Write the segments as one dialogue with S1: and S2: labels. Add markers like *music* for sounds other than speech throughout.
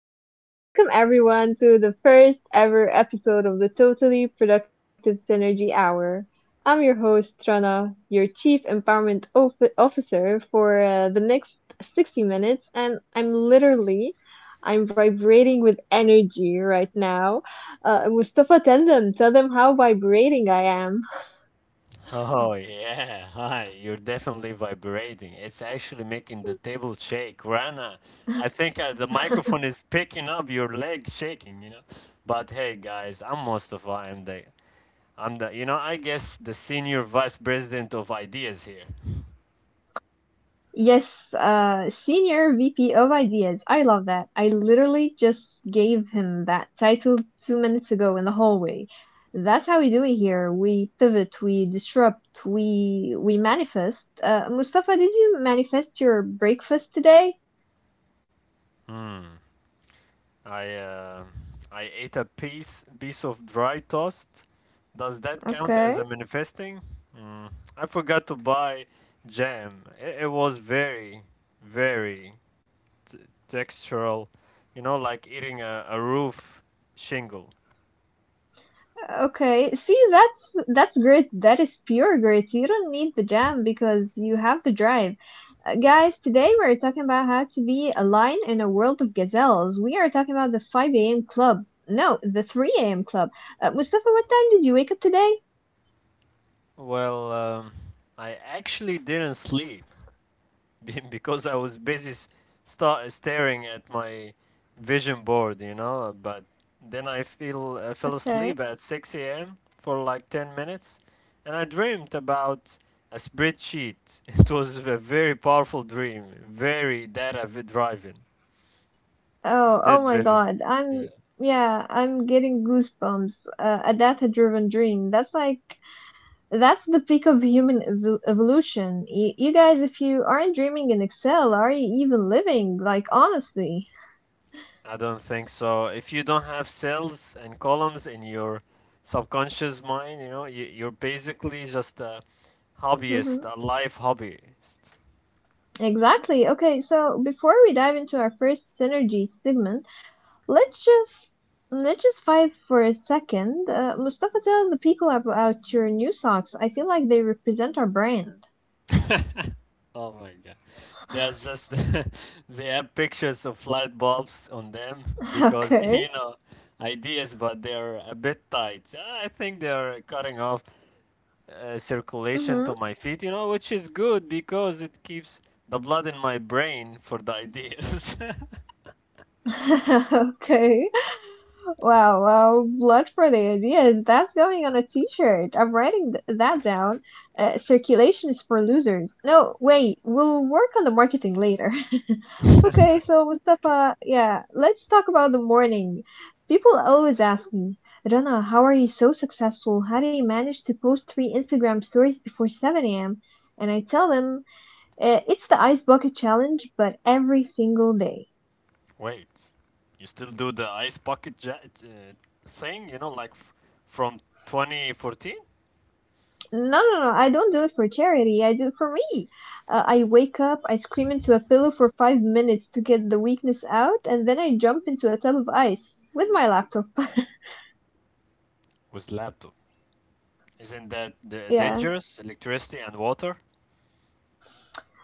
S1: hello. Welcome everyone to the first ever episode of the Totally Productive Synergy Hour. I'm your host, Trana, your Chief Officer for the next 60 minutes, and I'm vibrating with energy right now. Mustafa, tell them how vibrating I am.
S2: Oh *laughs* yeah, hi. You're definitely vibrating. It's actually making the table shake, Rana. I think the
S1: *laughs*
S2: microphone is picking up your leg shaking, But hey, guys, I'm Mustafa. I guess the senior vice president of ideas here.
S1: Yes, Senior VP of Ideas. I love that. I literally just gave him that title 2 minutes ago in the hallway. That's how we do it here. We pivot, we disrupt, we manifest. Mustafa, did you manifest your breakfast today?
S2: I, uh, I ate a piece of dry toast. Does that count as
S1: Okay.
S2: a manifesting? Mm, I forgot to buy jam. It was very t- textural, you know, like eating a roof shingle.
S1: Okay, see that's grit. That is pure grit. You don't need the jam because you have the drive. Guys, today we're talking about how to be a lion in a world of gazelles. We are talking about the 5 a.m. club. No, the 3 a.m. club. Mustafa, what time did you wake up today?
S2: Well, um, I actually didn't sleep *laughs* because I was busy staring at my vision board, But then I fell
S1: Okay.
S2: asleep at 6 a.m. for like 10 minutes, and I dreamed about a spreadsheet. *laughs* It was a very powerful dream, very data v- driven,
S1: Oh,
S2: data
S1: oh my
S2: driven.
S1: God.
S2: Yeah.
S1: I'm yeah, I'm getting goosebumps. A data-driven dream. That's the peak of evolution. You guys, if you aren't dreaming in Excel, are you even living? Like, honestly.
S2: I don't think so. If you don't have cells and columns in your subconscious mind, you know, you're basically just a
S1: Mhm.
S2: hobbyist, a life hobbyist.
S1: Exactly. Okay, so before we dive into our first synergy segment, let's just let's just fight for a second. Mustafa, tell the people about your new socks. I feel like they represent our brand.
S2: Oh my God. They're just, *laughs* they have pictures of light bulbs on them
S1: *laughs*
S2: because, *laughs*
S1: Okay.
S2: you know, ideas, but they're a bit tight. I think they're cutting off circulation
S1: Mm-hmm.
S2: to my feet, you know, which is good because it keeps the blood in my brain for the ideas. *laughs*
S1: *laughs* Okay. Wow, wow, blood for the ideas. That's going on a t-shirt. I'm writing th that down. Circulation is for losers. No, wait, we'll work on the marketing later. *laughs* Okay, so Mustafa, yeah, let's talk about the morning. People always ask me, Rana, how are you so successful? How do you manage to post three Instagram stories before 7 a.m.? And I tell them, "It's the ice bucket challenge, but every single day."
S2: Wait, you still do the ice bucket uh, thing? You know, from 2014
S1: No, no, no. I don't do it for charity. I do it for me. I wake up, I scream into a pillow for 5 minutes to get the weakness out, and then I jump into a tub of ice with my laptop. *laughs*
S2: with laptop. Isn't that the
S1: Yeah.
S2: dangerous? Electricity and water.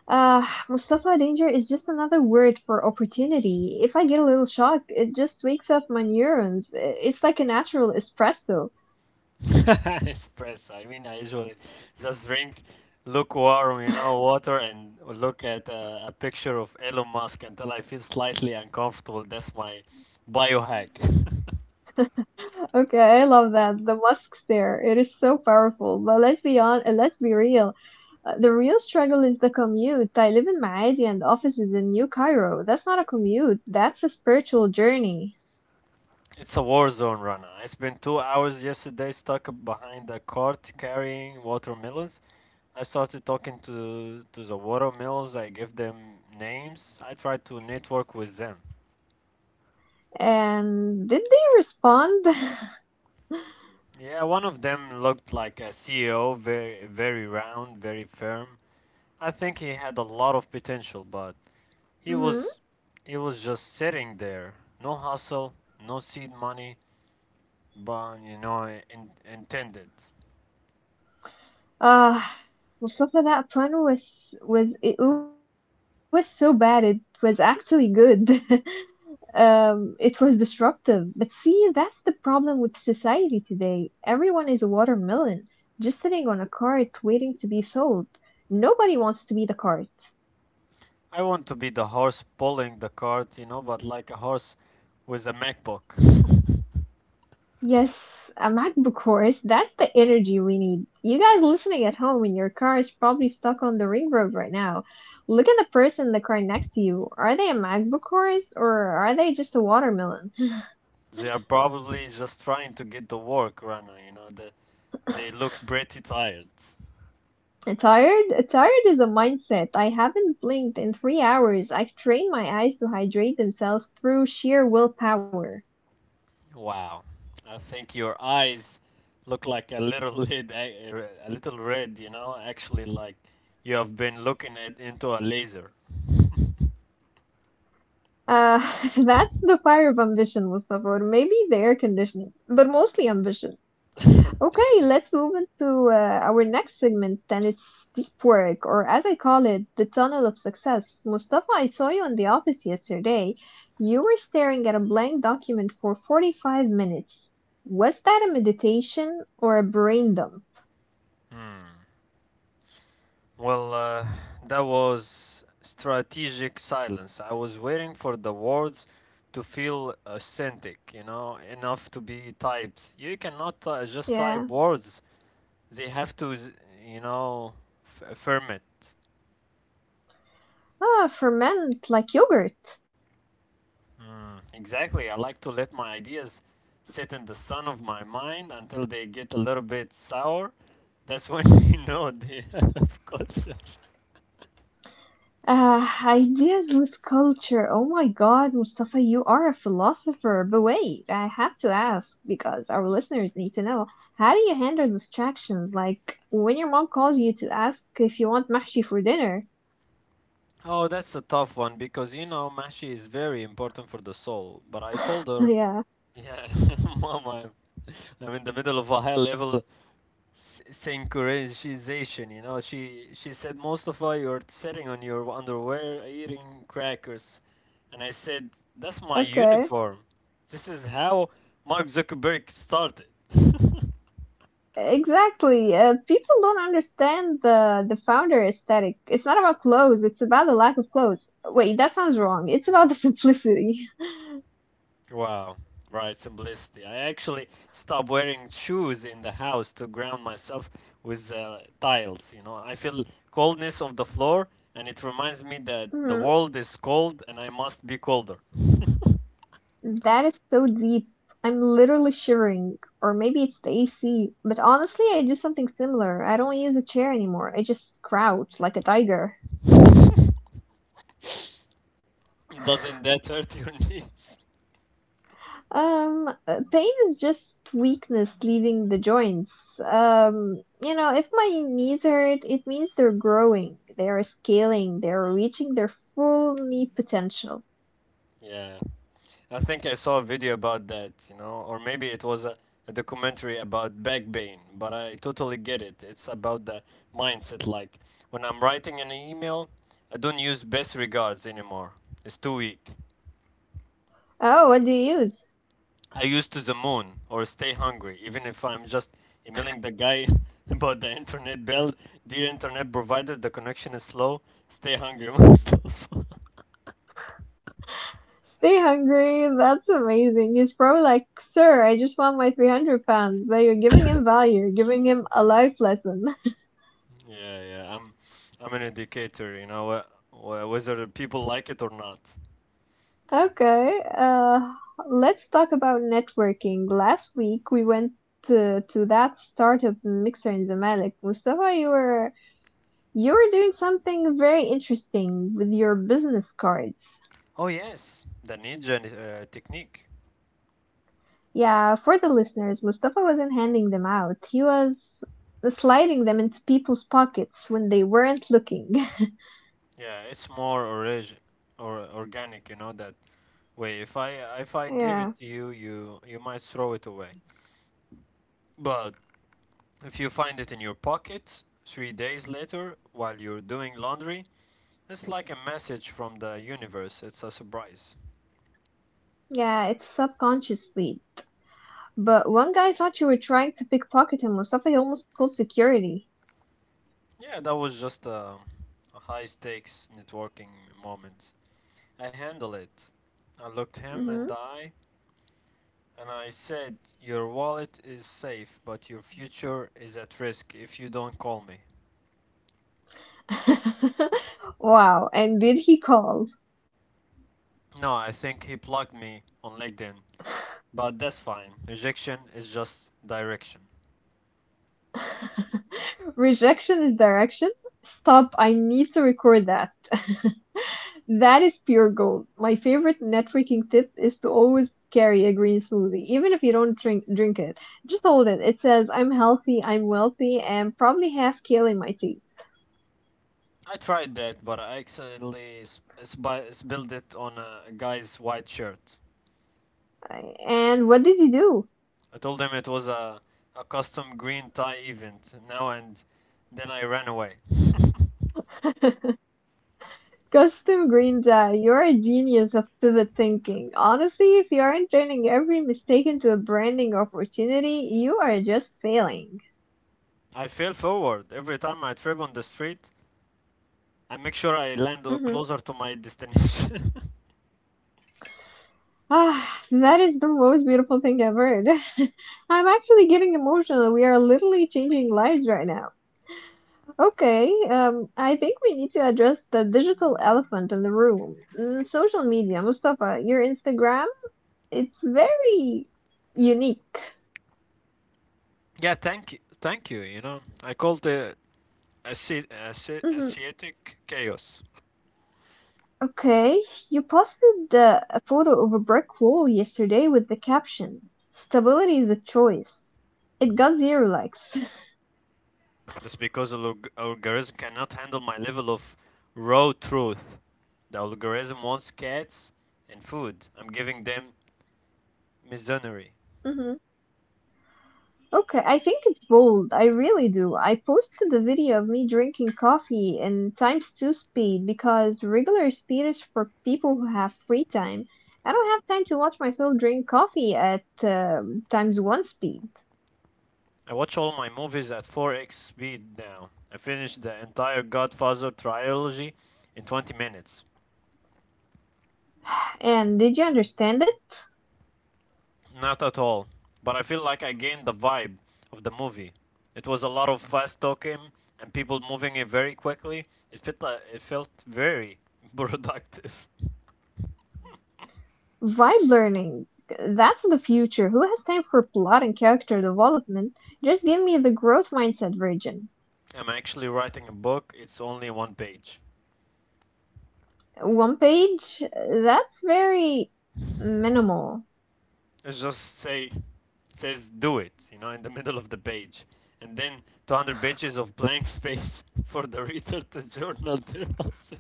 S1: Mustafa, danger is just another word for opportunity. If I get a little shock, it just wakes up my neurons. It's like a natural espresso.
S2: *laughs* Espresso. I mean, I usually just drink lukewarm, you know, water and look at a picture of Elon Musk until I feel slightly uncomfortable. That's my biohack. *laughs*
S1: *laughs* Okay, I love that. The Musk stare. It is so powerful. But let's be real. The real struggle is the commute. I live in Maadi and the office is in New Cairo. That's not a commute, that's a spiritual journey.
S2: It's a war zone, Rana. I spent 2 hours yesterday stuck behind a cart carrying watermelons. I started talking to the watermelons. I gave them names. I tried to network with them.
S1: And did they respond? *laughs*
S2: Yeah, one of them looked like a CEO, very round, very firm. I think he had a lot of potential, but he
S1: Mm-hmm.
S2: was he was just sitting there. No hustle, no seed money, but you know, intended.
S1: Uh, Mustafa, that pun was it was so bad. It was actually good. *laughs* It was disruptive. But see, that's the problem with society today. Everyone is a watermelon, just sitting on a cart waiting to be sold. Nobody wants to be the cart.
S2: I want to be the horse pulling the cart, you know, but like a horse with a MacBook.
S1: Yes, a MacBook horse. That's the energy we need. You guys listening at home in your car is probably stuck on the ring road right now. Look at the person in the car next to you. Are they a MacBook horse or are they just a watermelon?
S2: They are probably just trying to get the work, Rana, you know. They
S1: *laughs*
S2: look pretty tired.
S1: Tired? Tired is a mindset. I haven't blinked in 3 hours. I've trained my eyes to hydrate themselves through sheer willpower.
S2: Wow. I think your eyes look like a little *laughs* lid, a little red, you know, actually like you have been looking into a laser.
S1: Uh, *laughs* that's the fire of ambition, Mustafa, or maybe the air conditioning, but mostly ambition. Okay, let's move into our next segment, and it's deep work, or as I call it, the tunnel of success. Mustafa, I saw you in the office yesterday. You were staring at a blank document for 45 minutes. Was that a meditation or a brain dump?
S2: Well, uh, that was strategic silence. I was waiting for the words to feel authentic, you know, enough to be typed. You cannot just
S1: Yeah.
S2: type words, they have to, you know, affirm it.
S1: Ah, ferment like yogurt.
S2: Exactly. I like to let my ideas sit in the sun of my mind until they get a little bit sour. That's when *laughs* you know they *laughs* have culture.
S1: Ideas with culture. Oh my God, Mustafa, you are a philosopher. But wait, I have to ask because our listeners need to know. How do you handle distractions? Like when your mom calls you to ask if you want mahshi for dinner? *laughs*
S2: Oh, that's a tough one because you know Mashi is very important for the soul. But I told her,
S1: Yeah,
S2: yeah, *laughs* mom, I'm in the middle of a high-level synchronization. You know, she said, Mustafa, you're sitting on your underwear eating crackers, and I said, that's my
S1: okay.
S2: uniform. This is how Mark Zuckerberg started. *laughs*
S1: Exactly. People don't understand the founder aesthetic. It's not about clothes, it's about the lack of clothes. Wait, that sounds wrong. It's about the simplicity.
S2: Wow, right, simplicity. I actually stopped wearing shoes in the house to ground myself with tiles. You know, I feel coldness of the floor, and it reminds me that the
S1: *laughs*
S2: world is cold and I must be colder. *laughs*
S1: That is so deep. I'm literally shivering. Or maybe it's the AC. But honestly, I do something similar. I don't use a chair anymore. I just crouch like a tiger.
S2: Doesn't that hurt your *laughs* knees?
S1: Pain is just weakness leaving the joints. You know, if my knees hurt, it means they're growing, they are scaling, they are reaching their full knee potential.
S2: Yeah. I think I saw a video about that, you know, or maybe it was a documentary about back pain, but I totally get it. It's about the mindset. Like, when I'm writing an email, I don't use best regards anymore. It's too weak.
S1: Oh, what do you use?
S2: I use to the moon or stay hungry, even if I'm just emailing the guy *laughs* about the internet bill. Dear internet provider, the connection is slow. Stay hungry, *laughs* myself.
S1: Stay hungry, that's amazing. He's probably like, "Sir, I just want my 300 pounds," but you're giving him value, you're giving him a life lesson. *laughs*
S2: Yeah, yeah. I'm an educator, you know, whether the people like it or not.
S1: Okay, let's talk about networking. Last week we went to that startup mixer in Zamalek. Mustafa, you were doing something very interesting with your business cards.
S2: Oh yes, the ninja technique.
S1: Yeah, for the listeners, Mustafa wasn't handing them out. He was sliding them into people's pockets when they weren't looking.
S2: Yeah, it's more or organic, you know, that way. If
S1: *laughs*
S2: I give
S1: Yeah.
S2: it to you, you might throw it away. But if you find it in your pocket 3 days later while you're doing laundry, it's like a message from the universe. It's a surprise.
S1: Yeah, it's subconsciously. But one guy thought you were trying to pickpocket him, Mustafa. He almost called security.
S2: Yeah, that was just a high stakes networking moment. I handled it. I looked him
S1: Hmm.
S2: in the eye and I said, your wallet is safe, but your future is at risk if you don't call me.
S1: *laughs* Wow. And did he call?
S2: No, I think he plugged me on LinkedIn, but that's fine. Rejection is just direction.
S1: *laughs* Rejection is direction. Stop. I need to record that. *laughs* That is pure gold. My favorite networking tip is to always carry a green smoothie, even if you don't drink it. Just hold it. It says, "I'm healthy, I'm wealthy, and probably have kale in my teeth."
S2: I tried that, but I accidentally spilled it on a guy's white shirt.
S1: And what did you do?
S2: I told him it was a custom green tie event now, and then I ran away.
S1: *laughs* Custom Green Dye, you're a genius of pivot thinking. Honestly, if you aren't turning every mistake into a branding opportunity, you are just failing.
S2: I fell forward. Every time I trip on the street I make sure I land
S1: Hmm.
S2: closer to my destination.
S1: Ah, that is the most beautiful thing I've heard. *laughs* I'm actually getting emotional. We are literally changing lives right now. Okay, I think we need to address the digital elephant in the room. Mm, social media, Mustafa, your Instagram, it's very unique.
S2: *laughs* Yeah, thank you. Thank you. You know, I called the
S1: Mhm.
S2: Asiatic chaos.
S1: Okay, you posted a photo of a brick wall yesterday with the caption, "Stability is a choice." It got zero likes.
S2: That's because the algorithm cannot handle my level of raw truth. The algorithm wants cats and food. I'm giving them misonery.
S1: *laughs* Hmm. Okay, I think it's bold. I really do. I posted a video of me drinking coffee in times two speed because regular speed is for people who have free time. I don't have time to watch myself drink coffee at times one speed.
S2: I watch all my movies at 4x speed now. I finished the entire Godfather trilogy in 20 minutes.
S1: And did you understand it?
S2: Not at all. But I feel like I gained the vibe of the movie. It was a lot of fast talking and people moving it very quickly. It felt very *laughs* productive.
S1: Vibe learning. That's the future. Who has time for plot and character development? Just give me the growth mindset version.
S2: I'm actually writing a book. It's only one page.
S1: One page? That's very minimal.
S2: It's just say says do it, you know, in the *laughs* middle of the page. And then 200 pages of blank *laughs* space for the reader to *laughs* journal their answer.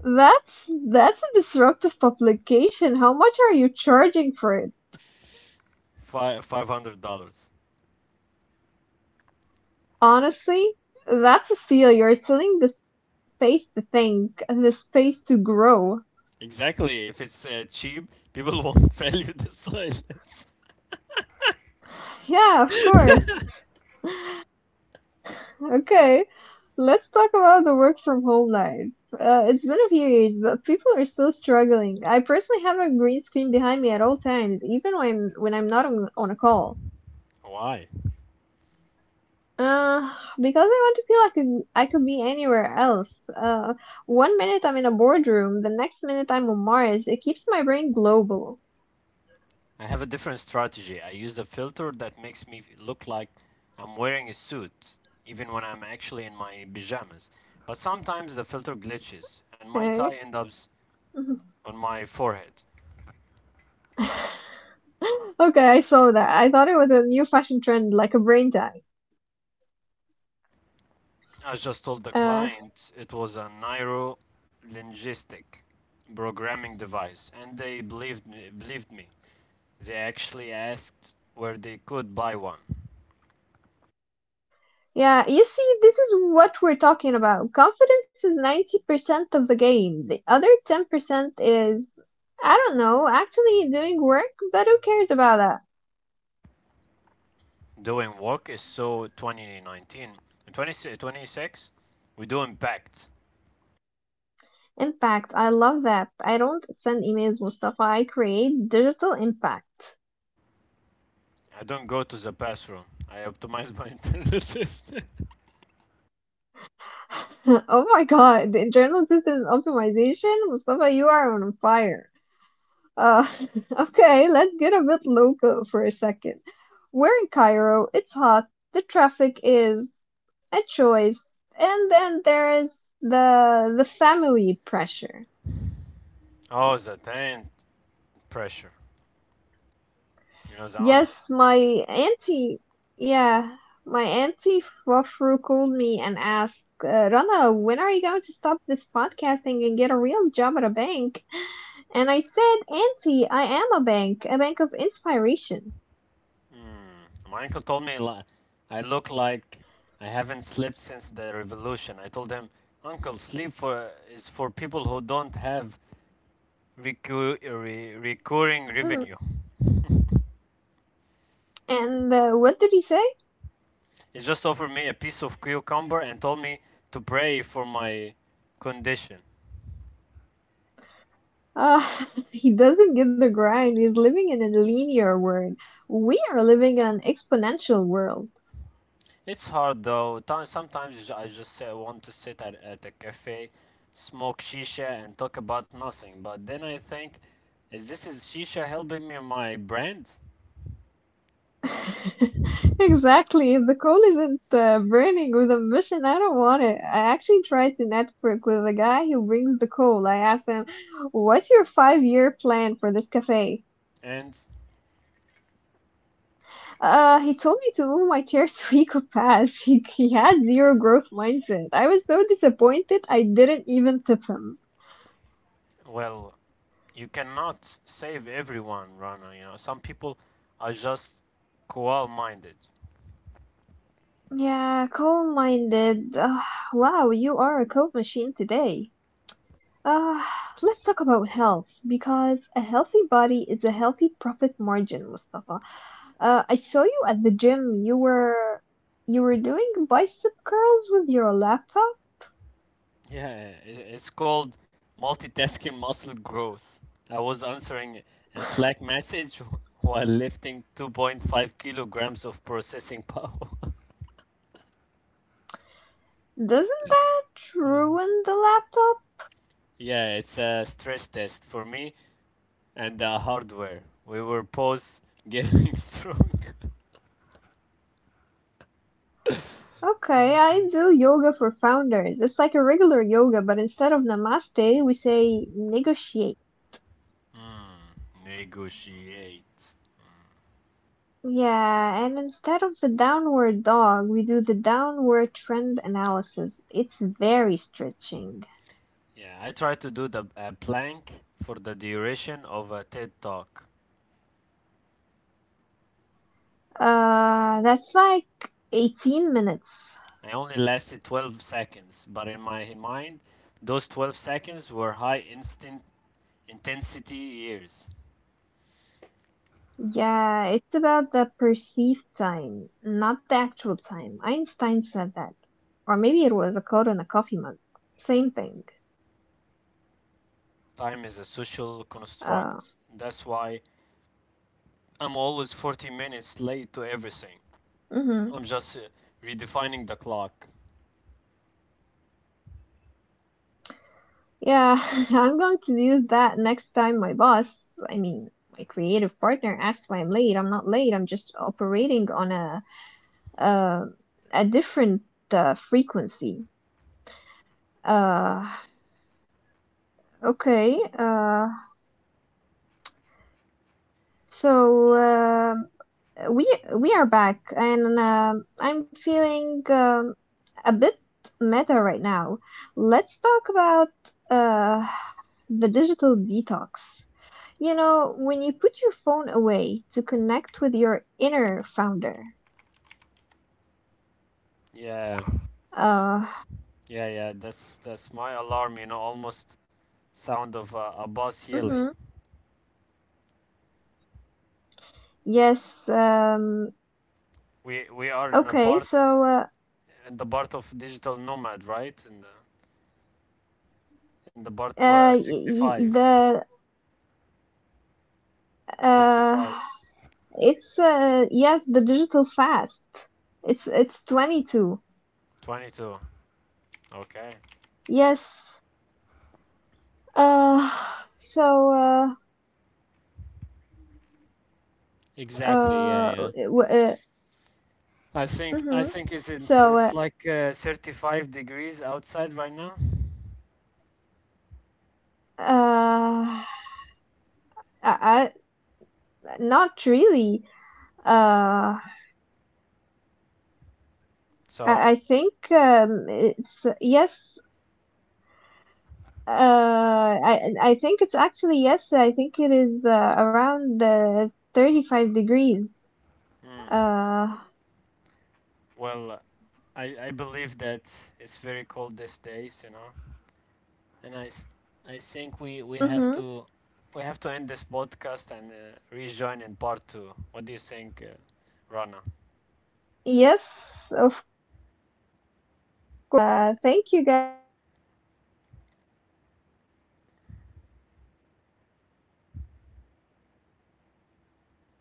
S1: That's a disruptive publication. How much are you charging for it?
S2: $500.
S1: Honestly, that's a steal. You're selling the space to think and the space to grow.
S2: Exactly. If it's cheap, people *laughs* won't value the *laughs* silence.
S1: Yeah, of course. Okay, let's talk about the work from home life. It's been a few years, but people are still struggling. I personally have a green screen behind me at all times, even when I'm not on a call.
S2: Why?
S1: Uh, because I want to feel like I could be anywhere else. 1 minute I'm in a boardroom, the next minute I'm on Mars. It keeps my brain global.
S2: I have a different strategy. I use a filter that makes me look like I'm wearing a suit, even when I'm actually in my pajamas. But sometimes the filter glitches, and my
S1: Okay.
S2: tie ends up
S1: *laughs*
S2: on my forehead.
S1: Okay, I saw that. I thought it was a new fashion trend, like a brain tag.
S2: I just told the
S1: Uh,
S2: client it was a neuro linguistic programming device, and they believed me. They actually asked where they could buy one.
S1: Yeah, you see, this is what we're talking about. Confidence is 90% of the game. The other 10% is, I don't know, actually doing work, but who cares about that?
S2: Doing work is so 2019. In 26, we do impact.
S1: Impact. I love that. I don't send emails, Mustafa. I create digital impact.
S2: I don't go to the bathroom. I optimize my internal system. *laughs*
S1: *laughs* Oh my God, the internal system optimization? Mustafa, you are on fire. Uh, *laughs* okay, let's get a bit local for a second. We're in Cairo, it's hot, the traffic is a choice, and then there's the family pressure.
S2: Oh, the taint pressure. You know, the auntie.
S1: Yes, my auntie, yeah, my auntie Fafru called me and asked, Rana, when are you going to stop this podcasting and get a real job at a bank?" And I said, "Auntie, I am a bank of inspiration."
S2: My uncle told me, I look like I haven't slept since the revolution. I told him, uncle, sleep for is for people who don't have
S1: Mhm.
S2: recurring revenue.
S1: And what did he say?
S2: He just offered me a piece of cucumber and told me to pray for my condition.
S1: Uh, *laughs* he doesn't get the grind. He's living in a linear world. We are living in an exponential world.
S2: It's hard though. Sometimes I just say I want to sit at a cafe, smoke shisha, and talk about nothing. But then I think, is shisha helping me my brand?
S1: *laughs* Exactly. If the coal isn't burning with ambition, I don't want it. I actually tried to network with a guy who brings the coal. I asked him, "What's your five-year plan for this cafe?"
S2: And
S1: He told me to move my chairs *laughs* to EcoPass. He had zero growth mindset. I was so disappointed, I didn't even tip him.
S2: well, you cannot save everyone, Rana. You know, some people are just coal-minded.
S1: Yeah, coal-minded. Ah, wow, you are a coal machine today. Uh, let's talk about health because a healthy body is a healthy profit margin, Mustafa. I saw you at the gym. You were doing bicep curls with your laptop.
S2: Yeah, it's called multitasking muscle growth. I was answering a Slack message *laughs* while lifting 2.5 kilograms of processing *laughs* power.
S1: Doesn't that ruin the laptop?
S2: Yeah, it's a stress test for me and the hardware. We were pause getting *laughs* strong.
S1: Okay, I do yoga for founders. It's like a regular yoga, but instead of namaste, we say negotiate.
S2: Negotiate.
S1: Yeah, and instead of the downward dog, we do the downward trend analysis. It's very stretching.
S2: Yeah, I tried to do the plank for the duration of a TED talk.
S1: That's like 18 minutes.
S2: I only lasted 12 seconds, but in my mind, those 12 seconds were high instant intensity years.
S1: Yeah, it's about the perceived time, not the actual time. Einstein said that. Or maybe it was a quote on a coffee mug. Same thing.
S2: Time is a social
S1: Uh,
S2: construct. That's why I'm always 40 minutes late to
S1: mhm.
S2: everything. I'm just redefining the clock.
S1: Yeah, *laughs* I'm going to use that next time my my creative partner asks why I'm late. I'm not late. I'm just operating on uh, a different frequency. Uh, okay. So, we we are back, and I'm feeling a bit meta right now. Let's talk about uh the digital detox. You know, when you put your phone away to connect with your inner founder.
S2: Yeah,
S1: Uh,
S2: yeah, yeah. That's my alarm. You know, almost sound of a bus yelling.
S1: mm-hmm. Yes.
S2: We are in a
S1: Okay.
S2: part in the part of digital nomad, right? In the part 65,
S1: The
S2: sixty-five,
S1: uh, it's yes, the digital fast. It's 22.
S2: 22. Okay.
S1: Yes. Uh, so uh,
S2: Exactly. Yeah,
S1: uh,
S2: yeah.
S1: w- uh
S2: I
S1: mm-hmm.
S2: think
S1: So
S2: it's
S1: uh,
S2: like 35 degrees outside right now.
S1: uh, I, I not really. Uh. I I
S2: So
S1: think um, it's yes. I I think it's actually yes. I think it is around 35 degrees. Uh,
S2: well, I believe that it's very cold these days. You know. And I think
S1: mhm.
S2: we have to end this podcast and rejoin in part two. What do you think, Rana?
S1: Yes, of course. I totally agree with you. So thank you guys for listening, and I will see you next time. And stay amazing as you are. Thank you.